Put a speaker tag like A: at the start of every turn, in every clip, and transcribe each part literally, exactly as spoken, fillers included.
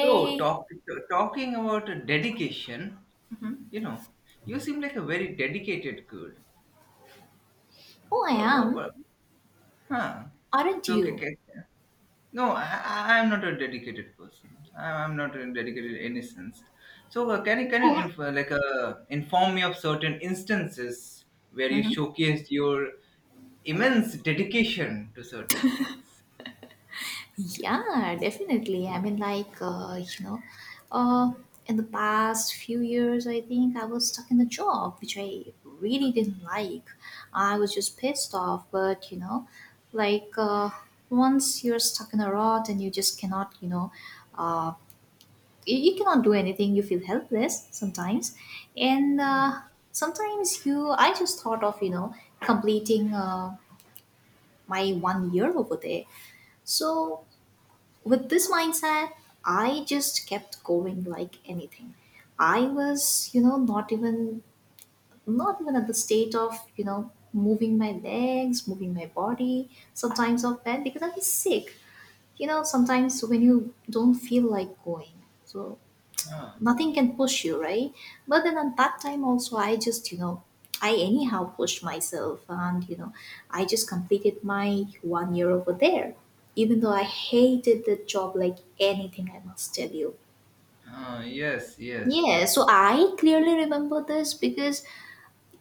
A: So, talk, Talking about dedication, you know, you seem like a very dedicated girl.
B: oh, I
A: What, what,
B: am.
A: what? Huh.
B: Aren't
A: So, okay,
B: you?
A: okay. no, I, I- I'm not a dedicated person. I, I'm not a dedicated in any sense. So, uh, can you, can you
B: What?
A: inf- like uh, inform me of certain instances where you
B: Mhm.
A: showcased your immense dedication to certain things?
B: Yeah, definitely. I mean, like, uh, you know, uh, in the past few years, I think I was stuck in a job which I really didn't like. I was just pissed off, but, you know, like, uh, once you're stuck in a rut and you just cannot, you know, uh, you, you cannot do anything, you feel helpless sometimes. And uh, sometimes you, I just thought of, you know, completing. Uh, my one year over there. So, with this mindset, I just kept going like anything. I was, you know, not even not even at the state of, you know, moving my legs, moving my body, sometimes of bed because I was sick. You know, sometimes when you don't feel like going. So
A: Ah,
B: nothing can push you, right? But then at that time also, I just, you know I anyhow pushed myself, and, you know I just completed my one year over there, even though I hated the job like anything, I must tell you.
A: ah, yes, yes,
B: Yeah, so
A: yes.
B: I clearly remember this because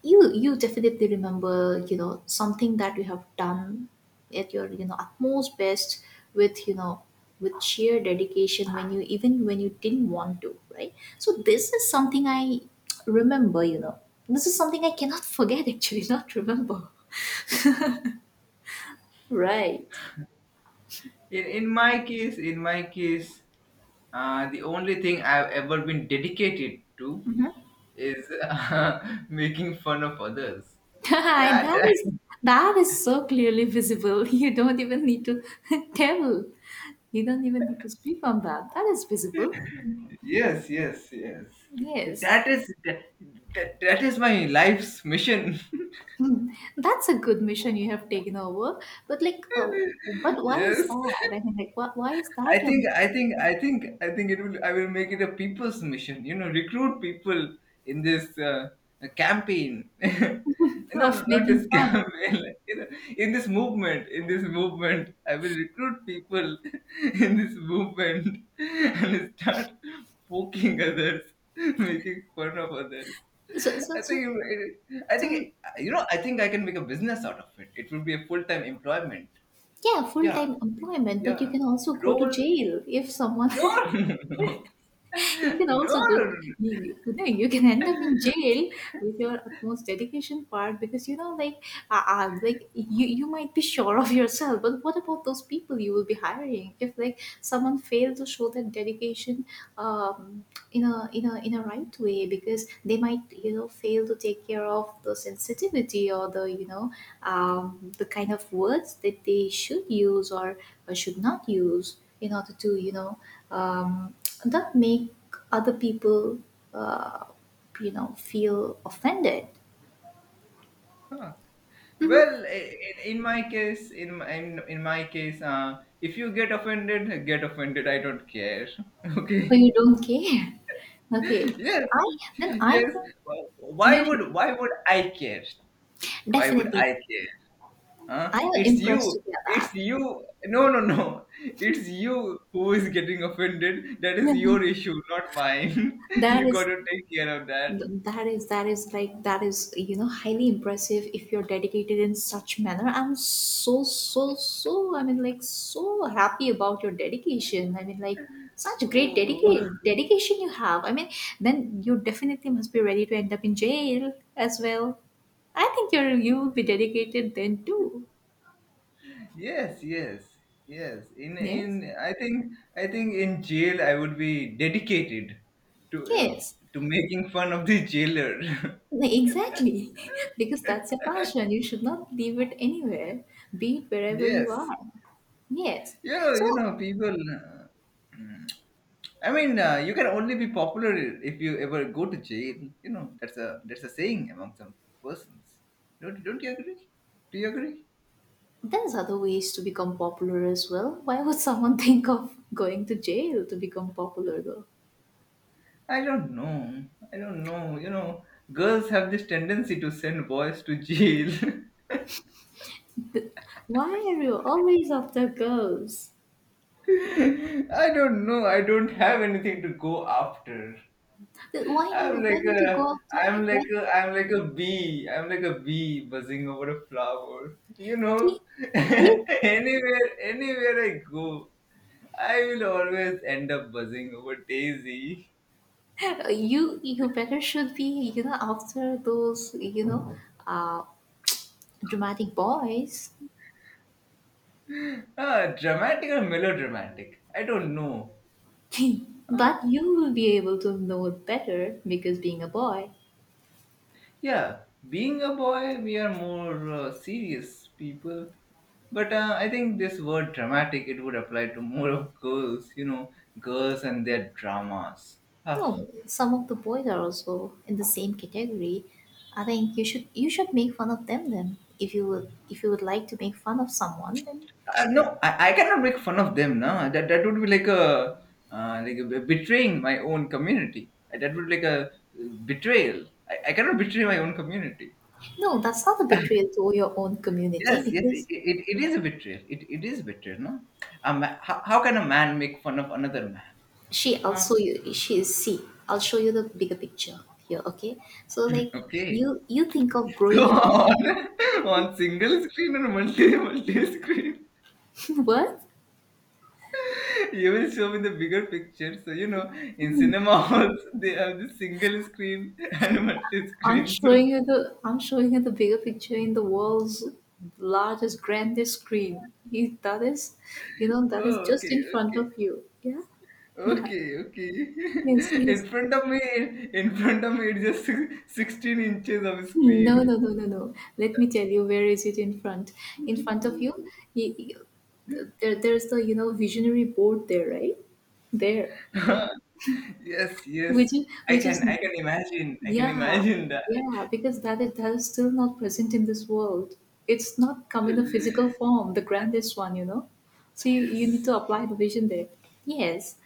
B: you you definitely remember, you know something that you have done at your, you know utmost best, with, you know with sheer dedication, when you, even when you didn't want to, right? So this is something I remember you know this is something I cannot forget, actually, not remember, right?
A: In, in my case, in my case, uh, the only thing I've ever been dedicated to is uh, making fun of others. That,
B: that is
A: that-
B: that is so clearly visible. You don't even need to tell, you don't even need to speak on that. That is visible.
A: yes, yes, yes. That,
B: Yes.
A: that is that, that, that is my life's mission.
B: Hmm. That's a good mission you have taken over. But like, uh, but why is
A: Yes.
B: that? I mean, like, why, why is
A: I
B: that your
A: think I
B: mission
A: think I think I think it will I will make it a people's mission. You know, recruit people in this uh, campaign. no,
B: of
A: no, not
B: making
A: this
B: fun?
A: campaign. Like, you know, in this movement, in this movement, I will recruit people in this movement and start poking others, making fun of others.
B: So, so,
A: I
B: so,
A: think it, it, I think
B: so
A: you know, I think I can make a business out of it. It will be a full time employment.
B: yeah, full
A: Yeah,
B: time employment, but you
A: yeah.
B: can also go to
A: Role
B: jail if someone
A: no, no,
B: you can
A: no.
B: also go, you, you know, you can end up in jail with your utmost dedication part because, you know, like, uh, uh, like you you might be sure of yourself, but what about those people you will be hiring if like someone failed to show that dedication, um, in a in a in a right way because they might you know fail to take care of the sensitivity or the you know um, the kind of words that they should use or, or should not use in order to you know um, not make other people, uh, you know, feel offended.
A: Huh.
B: Mhm.
A: Well, i- i- in my case, in my, in, in my case, uh, if you get offended, get offended. I don't care.
B: Or
A: Okay.
B: you don't care. Okay,
A: Yes.
B: I then I
A: Yes.
B: think
A: Why
B: you should,
A: would why would I care? Why would
B: definitely.
A: I care? Huh?
B: I am
A: It's
B: impressed to
A: you.
B: hear
A: It's
B: that.
A: you. No, no, no. It's you who is getting offended. That
B: Yeah.
A: is your issue, not mine.
B: That
A: You got
B: is
A: to take care of that.
B: Th- that is that is like that is you know highly impressive if you're dedicated in such manner. I'm so, so, so, I mean, like, so happy about your dedication. I mean, like, such great
A: Oh.
B: dedicate dedication you have. I mean, then you definitely must be ready to end up in jail as well. I think you're you will be dedicated then too.
A: Yes, yes, yes. In
B: Yes.
A: in I think I think in jail I would be dedicated to uh,
B: Yes.
A: to making fun of the jailer.
B: Like, exactly. Because that's your passion. You should not leave it anywhere, be it wherever you
A: Yes,
B: are. Yes.
A: you know you
B: So
A: know people. Uh, I mean, uh, you can only be popular if you ever go to jail. You know, that's a that's a saying among some persons. Don't don't you agree? Do you agree?
B: there's other ways to become popular as well. Why would someone think of going to jail to become popular though?
A: I don't know. I don't know. You know, girls have this tendency to send boys to jail.
B: Why are you always after girls?
A: I don't know. I don't have anything to go after.
B: Th- Why
A: I'm
B: didn't why
A: like
B: didn't you
A: a,
B: go after
A: I'm
B: why
A: like a, I'm like a bee. I'm like a bee buzzing over a flower. You know,
B: he, keep
A: anywhere, anywhere I go, I will always end up buzzing over Daisy.
B: you you better should be, you know, after those, you know, uh dramatic boys.
A: Ah, dramatic or melodramatic? I don't know. Ah,
B: but you will be able to know it better because being a boy.
A: yeah, being a boy, we are more uh, serious people. But uh, I think this word dramatic, it would apply to more of girls, you know, girls and their dramas. Ah,
B: No, some of the boys are also in the same category. I think you should you should make fun of them then. If you would if you would like to make fun of someone, then
A: uh, no, I, I cannot make fun of them, no. That, that would be like a, uh, like a betraying my own community. Uh, That would be like a uh, betrayal. I, I cannot betray my own community.
B: no, that's not a betrayal to your own community
A: Yes, yes, it,
B: because
A: it, it is a betrayal. It, it is betrayal, no? A ma- how, how can a man make fun of another man?
B: she
A: Huh?
B: also, you, she is, see. I'll show you the bigger picture here, okay? So like
A: Okay.
B: you you think of growing
A: So
B: in
A: on, on single screen or multi multi screen,
B: what?
A: you will show me the bigger picture. So you know, in cinema halls they have the single screen and multi
B: I'm
A: screen. So
B: showing you the I'm showing you the bigger picture in the world's largest, grandest screen. You- That is, you know, that is
A: oh,
B: just
A: okay,
B: in front
A: okay,
B: of you. Yeah, yeah,
A: okay, okay.
B: yes, yes.
A: In front of me, in front of me, it's just six- sixteen inches of
B: No, no,
A: screen.
B: no, no, no. Let me tell you, where is it in front? In front of you, you, you there, there's the you know visionary board there, right? There,
A: yes,
B: which
A: yes.
B: is
A: I
B: which is
A: can, I can imagine. I can
B: Yeah,
A: imagine that.
B: yeah, because that is that is still not present in this world. It's not come in a physical form, the grandest one, you know. So you, you need to
A: Yes.
B: apply the vision there. Yes.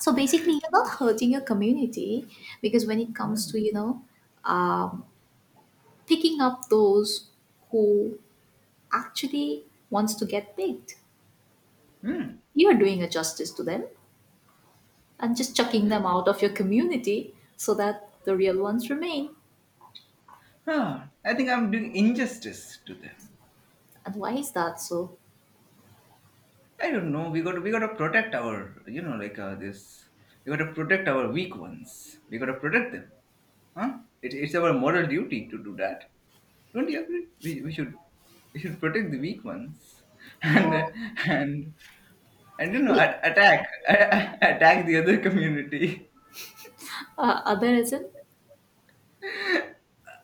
B: So basically, you're not hurting your community because when it comes
A: Hmm.
B: to you know um, picking up those who actually wants to get picked,
A: Hmm.
B: you're doing a justice to them and just chucking them out of your community so that the real ones remain.
A: Huh. I think I'm doing injustice to them.
B: And why is that so?
A: I don't know. We got to, we got to protect our, you know, like uh, this. We got to protect our weak ones. We got to protect them. Huh? It, it's our moral duty to do that. Don't you agree? We, we should we should protect the weak ones and
B: Uh,
A: and and you know
B: it,
A: a- attack attack the other community.
B: Uh, other isn't?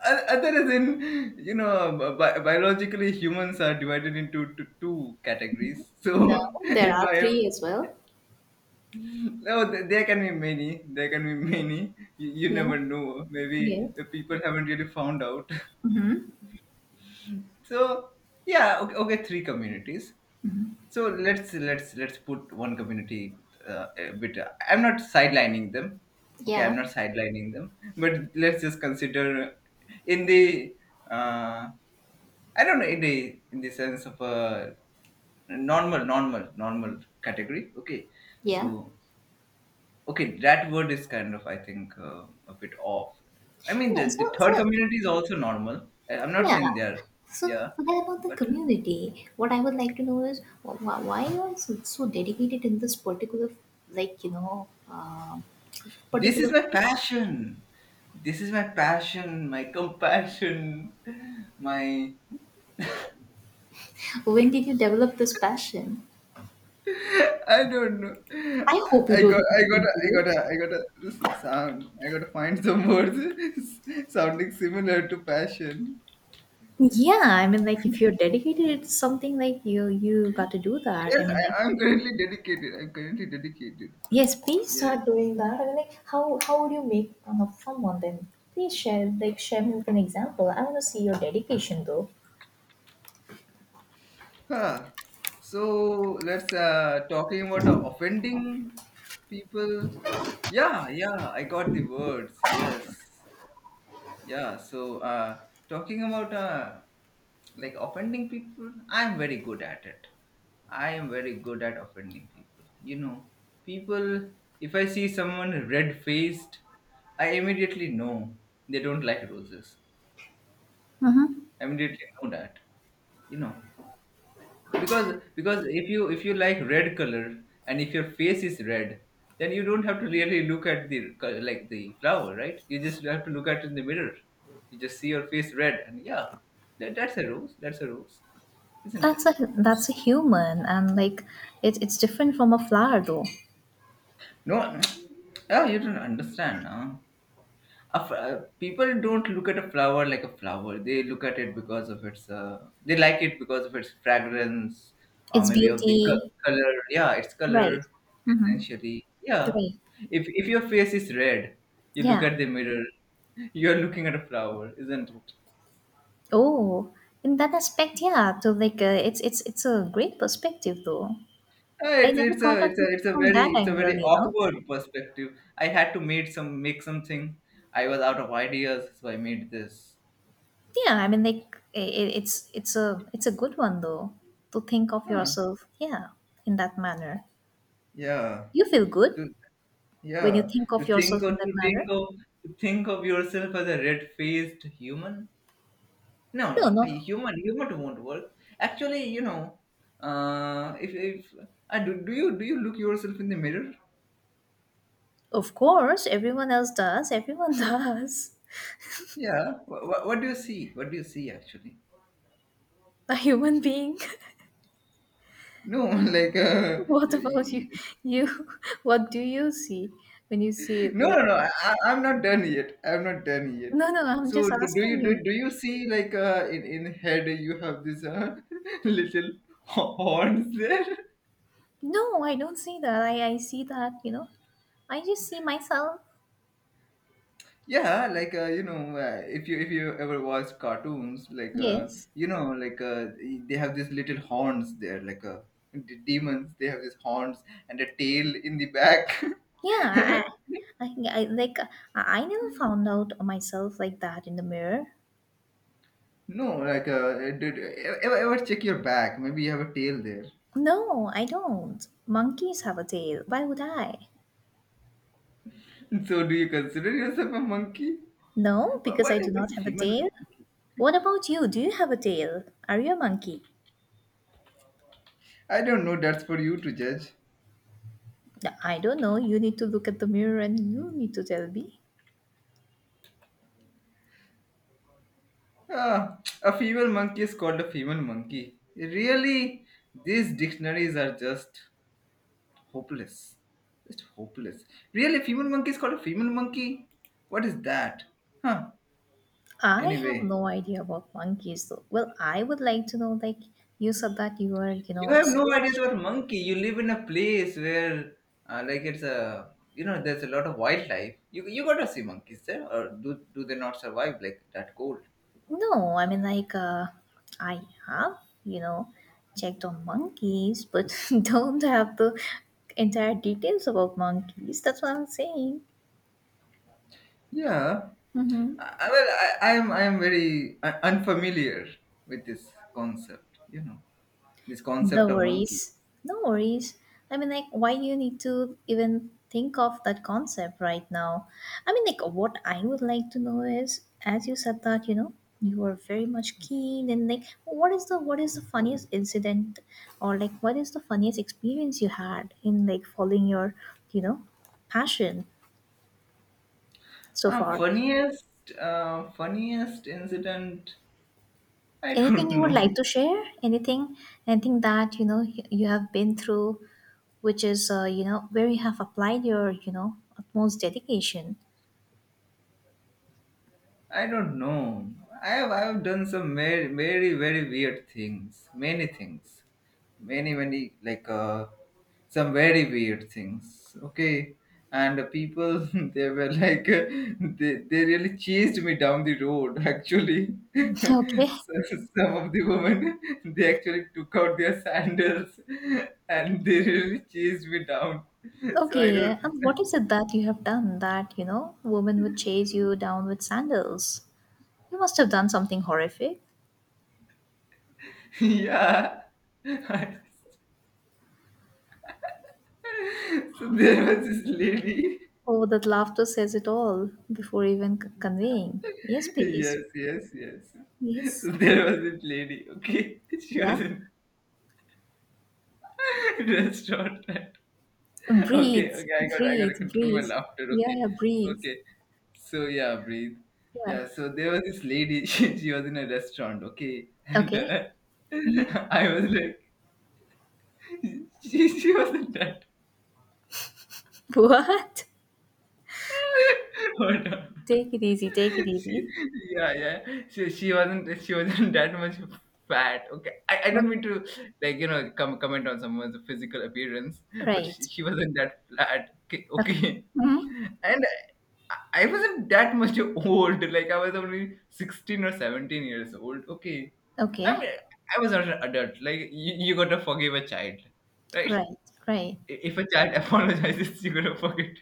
A: O- Other than you know bi- biologically humans are divided into t- two categories.
B: No,
A: So
B: there
A: if
B: are
A: I
B: three as well.
A: no, th- there can be many. There can be many. You, you
B: Yeah,
A: never know. Maybe
B: yeah,
A: uh, people haven't really found out.
B: Mm-hmm,
A: So yeah, okay, okay, three communities. So let's let's let's put one community uh, a bit. uh, I'm not sidelining them. Okay,
B: yeah,
A: I'm not sidelining them. But let's just consider in the uh, I don't know, in the in the sense of a normal normal normal category. Okay, so
B: yeah,
A: okay, that word is kind of, I think, uh, a bit off. I mean,
B: yeah.
A: the,
B: So,
A: the third
B: so
A: community is also normal. I- I'm not
B: yeah.
A: saying they're,
B: So
A: yeah,
B: forget about the
A: but
B: community. What I would like to know is wh- wh- why you are so, so dedicated in this particular, like, you know, um
A: this is
B: particular.
A: my passion. This is my passion, my compassion, my.
B: When did you develop this passion?
A: I don't know.
B: I hope you
A: I I
B: do
A: got,
B: the
A: I got, I got,
B: continue.
A: I got to sound. I got to find some words sounding similar to passion.
B: Yeah, I mean, like if you're dedicated, it's something like you you got to do that. I
A: Yes,
B: mean,
A: I,
B: like.
A: I'm currently dedicated. I'm currently dedicated.
B: Yes, please
A: Yes.
B: start doing that. I mean, like, how how would you make fun of someone then? Please share, like, share me with an example. I want to see your dedication, though.
A: Huh. So let's uh talking about uh, offending people. Yeah, yeah, I got the words. Yes. Yeah, so uh talking about uh like offending people, I'm very good at it. I am very good at offending people. You know, people if I see someone red-faced, I immediately know they don't like roses.
B: Mm-hmm.
A: I immediately know that. You know, because because if you if you like red color and if your face is red then you don't have to really look at the co- like the flower, right? You just have to look at it in the mirror. You just see your face red and yeah, that, that's a rose, that's a rose, isn't
B: That's
A: it?
B: a that's a human, and like it's it's different from a flower though.
A: No. Oh, you don't understand, huh? A f- uh, people don't look at a flower like a flower. They look at it because of its. Uh, they like it because of its fragrance, or
B: It's
A: maybe of the co-
B: beauty,
A: color. Yeah, its
B: right?
A: color
B: Mm-hmm.
A: essentially. Yeah,
B: Right.
A: if if your face is red, you look
B: Yeah.
A: at the mirror. You are looking at a flower, isn't it?
B: Oh, in that aspect, yeah. So like uh, it's it's it's a great perspective though.
A: Uh,
B: I
A: it's
B: never
A: it's
B: thought
A: a it's
B: of
A: a
B: it
A: it's a
B: from
A: very
B: that
A: it's a
B: angle,
A: very
B: you know.
A: awkward perspective. I had to make some make something. I was out of ideas, so I made this.
B: Yeah, I mean, like i i- it's it's a it's a good one though to think of
A: Huh.
B: yourself, yeah, in that manner.
A: Yeah.
B: You feel good when you
A: Yeah,
B: think
A: to
B: of
A: think
B: yourself in
A: of
B: that
A: to think
B: manner.
A: of to think of yourself as a red-faced human. No,
B: No,
A: no, a
B: no,
A: human human won't work. Actually, you know, uh, if if uh, do, do you do you look yourself in the mirror?
B: of course, everyone else does. Everyone does.
A: Yeah. What, what do you see? What do you see actually?
B: A human being.
A: No, like uh,
B: What
A: you- you-
B: about you?
A: you-
B: You, what do you see when you see it?
A: no,
B: Like,
A: no, no. I, I- I'm not done yet. I'm not done yet.
B: no, no, I'm just
A: So do, do
B: asking
A: you do,
B: you.
A: do you see like uh, in in head you have this uh, little horns there?
B: No, I don't see that. I I see that. You know, I just see myself.
A: Yeah, like uh, you know, uh, if you if you ever watch cartoons, like uh,
B: Yes.
A: you know, like uh, they have these little horns there, like uh, the demons. They have these horns and a tail in the back.
B: Yeah, I, I, I like I I never found out myself like that in the mirror.
A: No, like uh, did, ever ever check your back? Maybe you have a tail there.
B: No, I don't. Monkeys have a tail. Why would I?
A: So, do you consider yourself a monkey?
B: No,
A: What
B: because
A: what
B: I do
A: what's
B: not
A: a
B: have a
A: female
B: tail.
A: monkey?
B: What about you? Do you have a tail? Are you a monkey?
A: I don't know. That's for you to judge.
B: I don't know. You need to look at the mirror and you need to tell me.
A: Ah, a female monkey is called a female monkey. Really, these dictionaries are just hopeless. Just hopeless. Really, a female monkey is called a female monkey? What is that? Huh.
B: I have
A: Anyway,
B: no idea about monkeys though. Well, I would like to know like you said that you are, you
A: you
B: know,
A: have no
B: so
A: ideas
B: much.
A: about monkey. You live in a place where, uh, like, it's a you know, there's a lot of wildlife. You you gotta see monkeys there, or do do they not survive like that cold?
B: No, I mean like uh, I have, you know, checked on monkeys, but don't have the entire details about monkeys. That's what I'm saying.
A: Yeah.
B: Mm-hmm.
A: I, I- well, I, I am I am very uh, unfamiliar with this concept. You know, this concept
B: No
A: of monkey.
B: worries. No worries. I mean, like, why do you need to even think of that concept right now? I mean, like, what I would like to know is, as you said that, you know, you were very much keen, and like, what is the what is the funniest incident, or like, what is the funniest experience you had in like following your, you know, passion so
A: Uh,
B: far?
A: funniest, uh, funniest incident. I
B: Anything
A: don't
B: you would
A: know.
B: like to share, anything anything that you know y- you have been through, which is uh, you know where you have applied your you know utmost dedication.
A: I don't know. I have I have done some very very very weird things. Many things. Many many like uh some very weird things. Okay. And the people they were like uh, they, they really chased me down the road actually.
B: Okay,
A: So, some of the women they actually took out their sandals and they really chased me down. So I
B: okay,
A: don't
B: and what is it that you have done that you know women would chase you down with sandals. You must have done something horrific.
A: yeah. So there was this lady.
B: Oh, that laughter says it all before even c- conveying. Yes, please.
A: Yes, yes, yes.
B: Yes,
A: So there was this lady. Okay, she was
B: yeah,
A: in restaurant. Right?
B: breathe,
A: Okay, okay. I got, I got to
B: breathe,
A: control my
B: breathe,
A: laughter.
B: yeah,
A: Okay,
B: yeah, breathe,
A: okay. So yeah, breathe.
B: yeah,
A: Yeah. So there was this lady. She, she was in a restaurant. Okay, and
B: okay.
A: uh,
B: Mm-hmm.
A: I was like, she, she wasn't that.
B: What?
A: Hold on.
B: Take it easy. Take it
A: She,
B: easy.
A: yeah, yeah. She, she wasn't she wasn't that much fat. Okay, I, I
B: What?
A: don't mean to like you know com- comment on someone's physical appearance, but she,
B: Right.
A: she wasn't that flat. Okay,
B: Okay.
A: okay.
B: Hmm.
A: And I, I wasn't that much old. Like I was only sixteen or seventeen years old. Okay, I
B: Okay.
A: mean I was not an adult. Like you, you gotta forgive a child, right?
B: Right. Right.
A: I- If a child apologizes, you gotta forget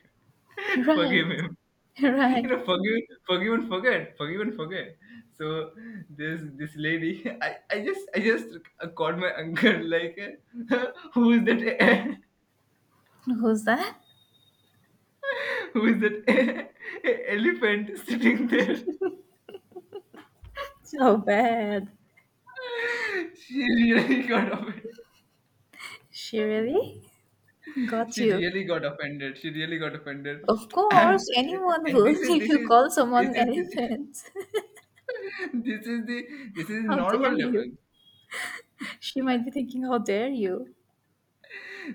B: Right.
A: forgive him. you
B: Right.
A: know forgive forgive and forget forgive and forget so this this lady, i i just i just uh, called my uncle like, uh, who is that
B: Who's that?
A: who is that elephant sitting there?
B: So bad.
A: she really got offended
B: She really got
A: she
B: you.
A: really got offended She really got offended.
B: Of
A: and,
B: course, anyone
A: and this
B: would
A: is
B: if
A: this
B: you
A: is
B: call
A: this
B: someone
A: is
B: elephant.
A: this is the this is
B: How
A: normal
B: dare
A: level.
B: you? She might be thinking, how dare you?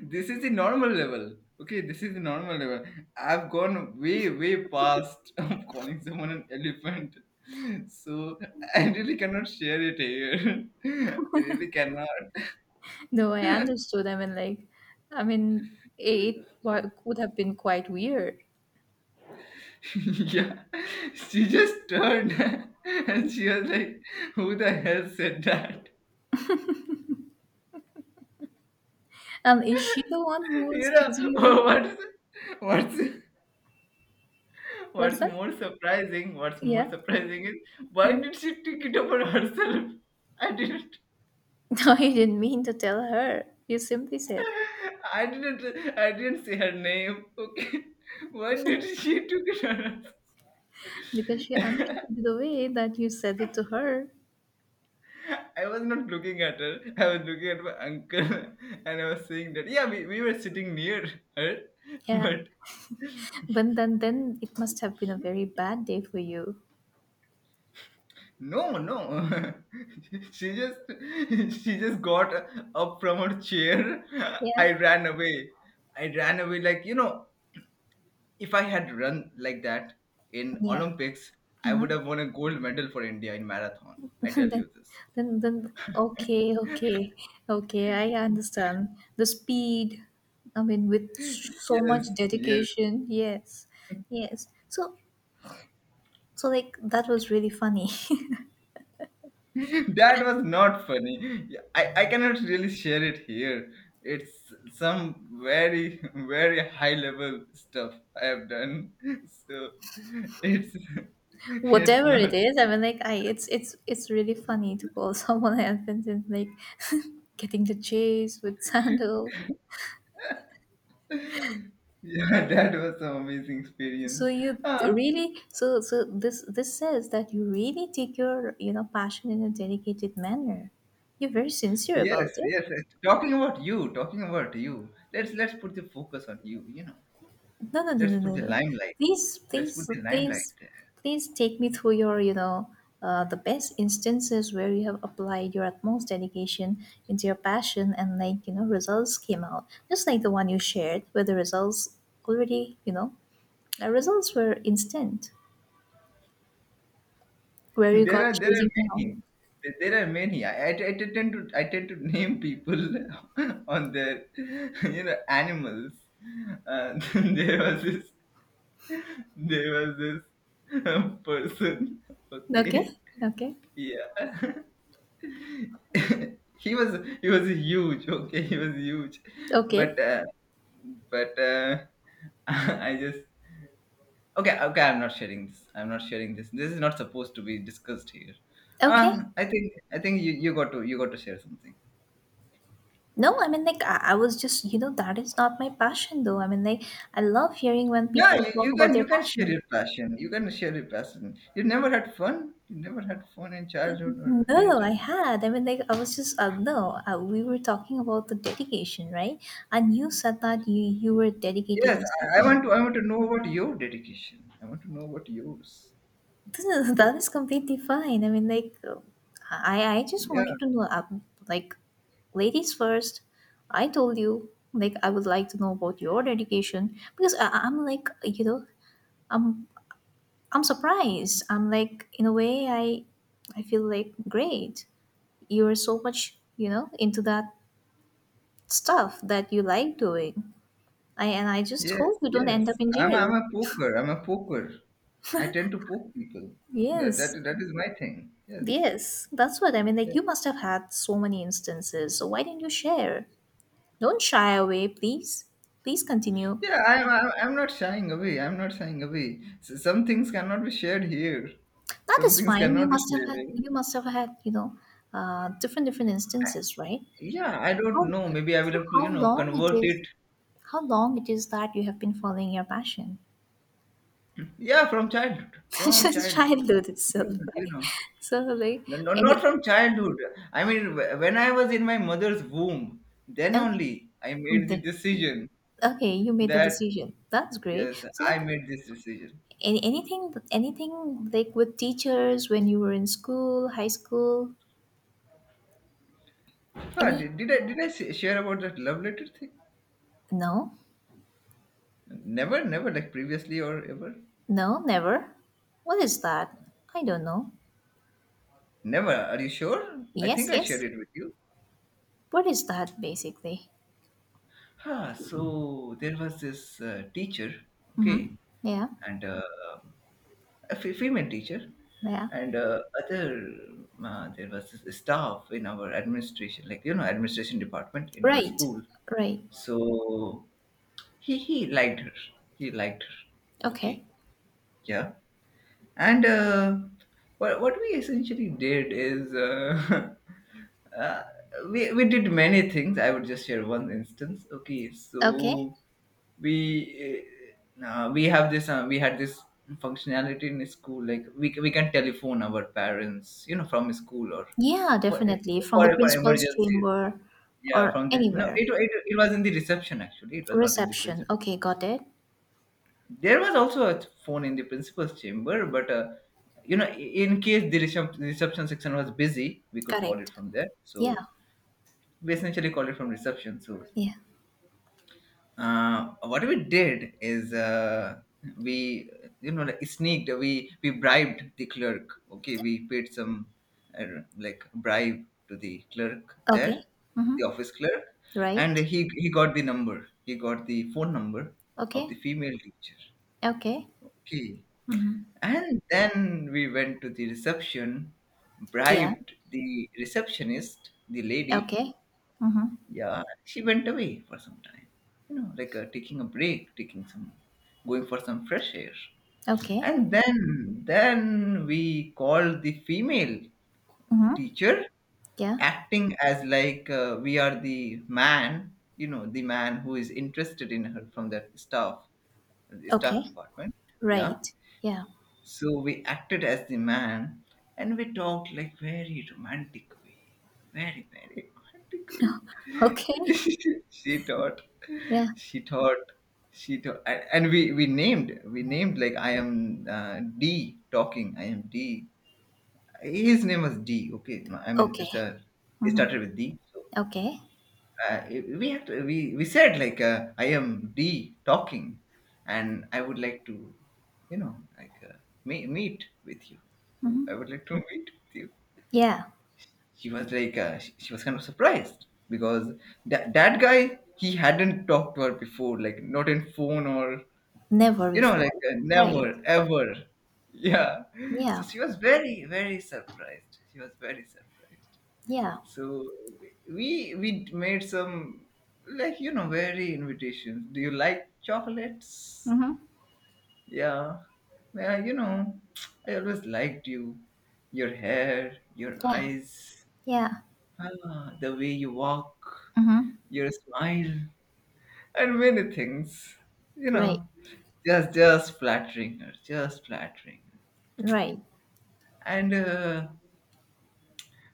A: This is the normal level. Okay, this is the normal level. I've gone way, way past of calling someone an elephant. So I really cannot share it here. I really cannot.
B: No, I understood. I mean, like, I mean, it wa- would have been quite weird.
A: Yeah. She just turned and she was like, "Who the hell said that?"
B: And is she the one who was
A: you know
B: choosing you with?
A: what's what's
B: What's
A: what's
B: that?
A: more surprising what's more
B: Yeah.
A: surprising is, why
B: Mm.
A: did she take it upon herself? i didn't
B: No, you didn't mean to tell her. You simply said
A: I didn't I didn't say her name. Okay. Why did she took it on
B: because she
A: us?
B: understood the way that you said it to her.
A: I was not looking at her. I was looking at my uncle. And I was saying that, yeah, we, we were sitting near her.
B: Yeah.
A: But
B: But then, then it must have been a very bad day for you.
A: no, no, she just she just got up from her chair. I
B: Yeah.
A: ran away. I ran away. Like, you know, if I had run like that in
B: Yeah.
A: Olympics, I would
B: Mm-hmm.
A: have won a gold medal for India in marathon. I tell
B: then,
A: you this.
B: then, then, okay, okay, okay. I understand the speed. I mean, with so much
A: Yes, yes.
B: dedication. Yes. Yes. So, so like that was really funny.
A: That was not funny. Yeah, I, I cannot really share it here. It's some very, very high level stuff I have done. So it's it's
B: Whatever it
A: not.
B: is, I mean, like, I it's it's it's really funny to call someone elephant, and like getting the chase with sandal.
A: Yeah, that was some amazing
B: So
A: experience.
B: you
A: Ah,
B: really, so so this this says that you really take your you know passion in a dedicated manner. You're very sincere
A: yes,
B: about it.
A: yes. Talking about you, talking about you. Let's let's put the focus on you, you know.
B: No, no, no,
A: Let's
B: no,
A: put
B: no,
A: the
B: no.
A: limelight.
B: Please,
A: Let's put
B: please,
A: the limelight.
B: please, please take me through your, you know, uh, the best instances where you have applied your utmost dedication into your passion and, like, you know, results came out. Just like the one you shared, where the results already, you know, the results were instant, where you
A: There
B: got
A: are there
B: chasing
A: are
B: down.
A: many. There are many. I, I, I tend to I tend to name people on their you know animals. Uh, there was this there was this um, person.
B: Okay,
A: Okay,
B: okay,
A: yeah. he was he was huge. Okay, he was huge, but
B: okay,
A: uh, but uh, I just— Okay, okay, I'm not sharing this. I'm not sharing this. This is not supposed to be discussed here.
B: okay.
A: Ah, I think I think you, you got to you got to share something.
B: No, I mean, like, I, I was just, you know, that is not my passion, though. I mean, like, I love hearing when
A: No,
B: people
A: you,
B: talk
A: you
B: about
A: can
B: their
A: you can share
B: passion.
A: your passion. You can share your passion. You never had fun. You never had fun in childhood or any
B: No, I
A: time.
B: had. I mean, like, I was just, uh, no, uh, we were talking about the dedication, right? And you said that you, you were dedicated
A: Yes,
B: in such
A: I,
B: a
A: I want
B: manner.
A: to I want to know about your dedication. I want to know about yours.
B: This is, that is completely fine. I mean, like, uh, I, I just
A: Yeah.
B: wanted to know, uh, like, ladies first, I told you, like, I would like to know about your dedication because I, I- I'm like, you know, I'm, I'm surprised. I'm like, in a way, I, I feel like great. You're so much, you know, into that stuff that you like doing. I, and I just
A: Yes,
B: hope you don't end up
A: yes.
B: in
A: I'm
B: jail.
A: I'm a poker. I'm a poker. I tend to poke people. That
B: Yes,
A: that, that is my thing. Yes.
B: yes, that's what I mean. Like, you
A: Yes.
B: must have had so many instances, so why didn't you share? Don't shy away, please. Please continue.
A: Yeah, I'm, I'm, I'm not shying away. I'm not shying away. S- Some things cannot be shared here.
B: That
A: Some
B: is
A: things
B: fine. You
A: cannot be
B: must have had,
A: shared.
B: you must have had, you know, uh, different different instances, right?
A: Yeah, I don't
B: How
A: know. Maybe I will
B: so?
A: have to,
B: How
A: you know,
B: long it
A: convert
B: is?
A: it.
B: How long it is that you have been following your passion?
A: Yeah, from childhood. From
B: Just
A: childhood.
B: childhood
A: You
B: itself,
A: know, you
B: right?
A: know.
B: So like
A: No, not
B: any
A: from childhood. I mean, wh- when I was in my mother's womb, then
B: okay,
A: only I
B: from
A: made the
B: there.
A: decision
B: Okay, you made the
A: that,
B: decision. That's great.
A: yes,
B: So like
A: I made this decision.
B: any, anything anything like with teachers when you were in school, high school,
A: Ah,
B: any
A: did, did I, did I s- share about that love letter thing?
B: no?
A: Never, never, like previously or ever?
B: No, never. What is that? I don't know.
A: Never. Are you sure? I
B: Yes,
A: think I shared
B: yes.
A: it with you.
B: What is that basically?
A: Ah, so there was this uh, teacher, okay,
B: Mhm. Yeah.
A: and uh, a fe- female teacher,
B: Yeah.
A: and uh, other uh, there was this staff in our administration, like you know, administration department in our
B: Right.
A: school.
B: Right.
A: So he he liked her. He liked her. Okay,
B: Okay.
A: yeah. And uh, what, what we essentially did is uh, uh, we, we did many things. I would just share one instance. Okay,
B: Okay.
A: so we uh, uh, we have this uh, we had this functionality in school, like we, we can telephone our parents, you know, from school, or
B: Yeah,
A: for
B: definitely. From the
A: for, for
B: principal's
A: emergency.
B: chamber
A: Yeah,
B: or
A: from the— no,
B: anywhere.
A: it, it, it was in the reception actually. It was not in the
B: Reception.
A: principal—
B: Okay, got it.
A: there was also a phone in the principal's chamber, but uh, you know, in case the recep- reception section was busy, we could call it
B: Correct.
A: from there. So
B: Yeah.
A: we essentially called it from reception. So
B: Yeah.
A: uh, what we did is, uh, we, you know, like sneaked. We we bribed the clerk. Okay, we paid some uh, like bribe to the clerk
B: Okay.
A: there, the
B: Mm-hmm.
A: office clerk, and
B: Right.
A: he he got the number. He got the phone number of
B: Okay.
A: the female teacher.
B: Okay.
A: Okay. And then we went to the reception,
B: Yeah.
A: bribed the receptionist, the lady.
B: Okay. Mm-hmm.
A: Yeah, she went away for some time, you know, like, uh, taking a break, taking some, going for some fresh air.
B: Okay.
A: And then, then we called the female
B: Mm-hmm.
A: teacher,
B: Yeah.
A: acting as like, uh, we are the man, you know, the man who is interested in her from that staff, the staff
B: Okay.
A: department. Yeah.
B: Right. Yeah.
A: So we acted as the man, and we talked like very romantic way. Very, very romantic
B: Okay.
A: way. She taught.
B: Yeah.
A: She taught. She taught. And, and we, we named we named like, I am, uh, D talking. I am D. His name was D. Okay. I mean,
B: Okay.
A: it's a— it started with D. So
B: Okay.
A: uh, we have to, we we said like, uh, I am D talking, and I would like to, you know, like, uh, me- meet with you. I would like to meet with you.
B: Yeah.
A: She was like, uh, she, she was kind of surprised, because that that guy, he hadn't talked to her before, like not in phone or,
B: Never
A: you know, like,
B: before.
A: uh,
B: Right.
A: never ever. Yeah, so
B: Yeah.
A: she was very, very surprised. She was very surprised.
B: Yeah.
A: So we we made some, like you know, very invitations. Do you like chocolates?
B: Mm-hmm.
A: Yeah. Yeah, you know, I always liked you. Your hair, your
B: Yeah.
A: eyes,
B: Yeah.
A: ah, the way you walk,
B: Mm-hmm.
A: your smile, and many things. You
B: Right.
A: know, just just flattering her, just flattering.
B: Right.
A: And uh,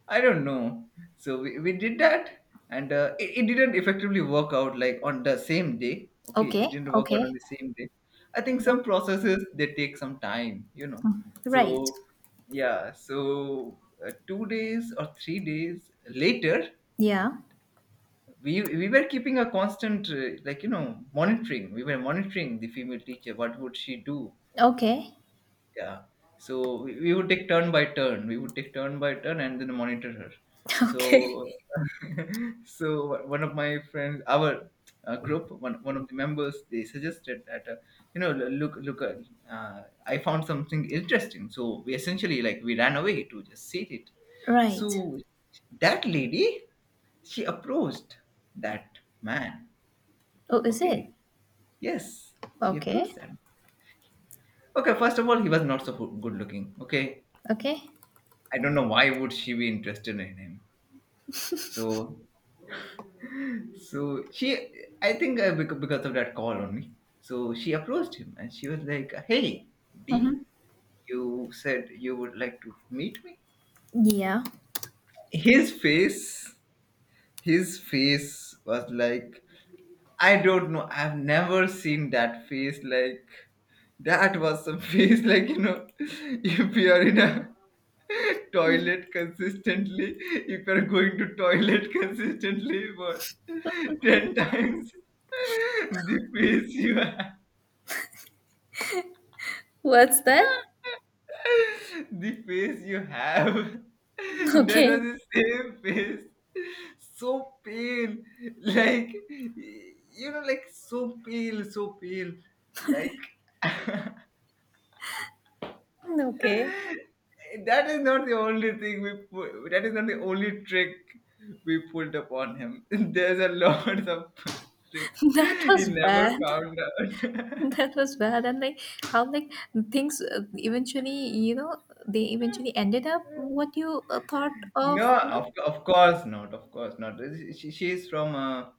A: I don't know. So we, we did that, and uh, it, it didn't effectively work out like on the same day. Okay,
B: Okay.
A: it didn't work out
B: Okay.
A: on the same day. I think
B: Yeah.
A: some processes they take some time, you know.
B: Right.
A: So yeah, so uh, two days or three days later,
B: Yeah.
A: we we were keeping a constant uh, like you know monitoring. We were monitoring the female teacher. What would she do?
B: Okay.
A: Yeah. So we, we would take turn by turn. We would take turn by turn and then monitor her.
B: Okay.
A: So so one of my friends, our uh, group, one, one of the members, they suggested that, uh, you know, l- look look uh, uh, I found something interesting. So we essentially like we ran away to just see it.
B: Right.
A: So that lady, she approached that man.
B: Oh, is it?
A: Okay. Yes, she
B: Okay.
A: approached him. Okay, first of all, he was not so good looking. Okay,
B: Okay.
A: I don't know why would she be interested in him. So, so she, I think, uh, bec- because of that call only. So she approached him and she was like, "Hey, D,
B: Mm-hmm.
A: you said you would like to meet me."
B: Yeah.
A: His face, his face was like, I don't know. I've never seen that face like. That was some face like, you know, if you are in a toilet consistently, if you're going to toilet consistently for ten times, the face you have,
B: What's that?
A: the face you have, that
B: Okay,
A: was the same face. So pale, like you know, like so pale, so pale, like
B: okay.
A: that is not the only thing we pu- that is not the only trick we pulled upon him. There's a lot of tricks
B: That
A: he
B: was
A: never
B: bad.
A: found out.
B: That was bad. And like how like things uh, eventually, you know, they eventually ended up what you uh, thought of,
A: No,
B: you know,
A: of, of course not. Of course not. She, she's from a—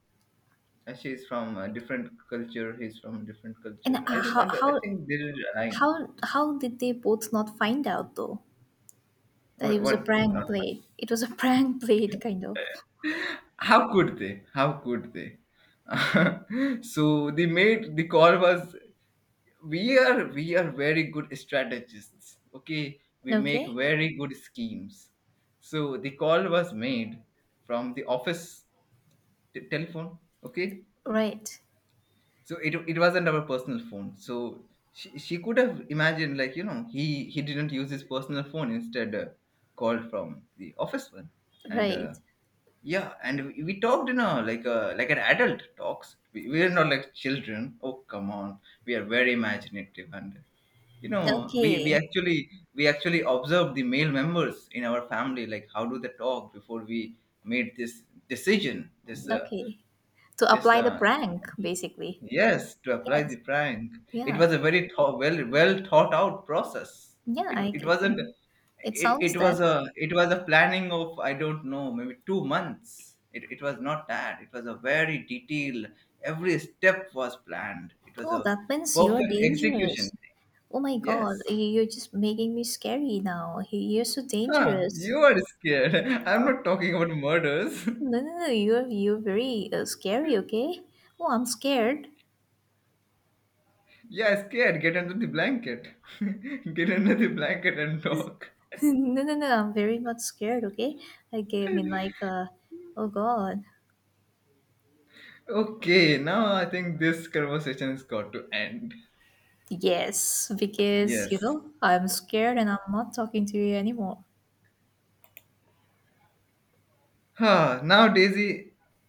A: she's from a different culture. He's from different
B: and
A: culture. I
B: uh,
A: don't— I,
B: how
A: don't— I
B: how
A: think they didn't align.
B: how how did they both not find out though that it
A: What?
B: was a
A: What?
B: prank
A: Not fine.
B: played? It was a prank played kind of.
A: How could they? How could they? So they made the call— was— we are we are very good strategists. Okay, we make
B: Okay,
A: very good schemes. So the call was made from the office t- telephone, okay,
B: right,
A: so it, it wasn't our personal phone. So she, she could have imagined, like you know, he he didn't use his personal phone, instead uh, called from the office one. And uh,
B: right.
A: yeah, and we, we talked, you know, like, uh, like an adult talks. We, we are not like children. Oh, come on, we are very imaginative, and you know, we we
B: Okay,
A: actually we actually observed the male members in our family, like how do they talk, before we made this decision. This uh,
B: okay. To
A: this
B: apply the
A: uh,
B: prank, basically.
A: Yes, to apply the
B: Yes.
A: prank. It
B: Yeah.
A: was a very thought— well, well thought out process.
B: Yeah.
A: it
B: I.
A: it
B: get It
A: wasn't
B: It
A: it,
B: sounds
A: It
B: that.
A: was a— it was a planning of, I don't know, maybe two months. It, it was not that, it was a very detailed— every step was planned. It was
B: Oh,
A: a
B: that means you're
A: perfect execution.
B: dangerous. Oh my God,
A: Yes.
B: you- you're just making me scary now. You- You're so
A: Huh,
B: dangerous.
A: you are scared. I'm not talking about murders.
B: No, no, no, you're you're very uh, scary. Okay. Oh, I'm scared.
A: Yeah, scared. Get under the blanket. Get under the blanket and talk.
B: no, no, no, I'm very much scared. Okay. I gave me like uh, oh God.
A: Okay, now I think this conversation has got to end.
B: Yes, because
A: Yes.
B: you know I'm scared and I'm not talking to you anymore.
A: Huh, now, Daisy,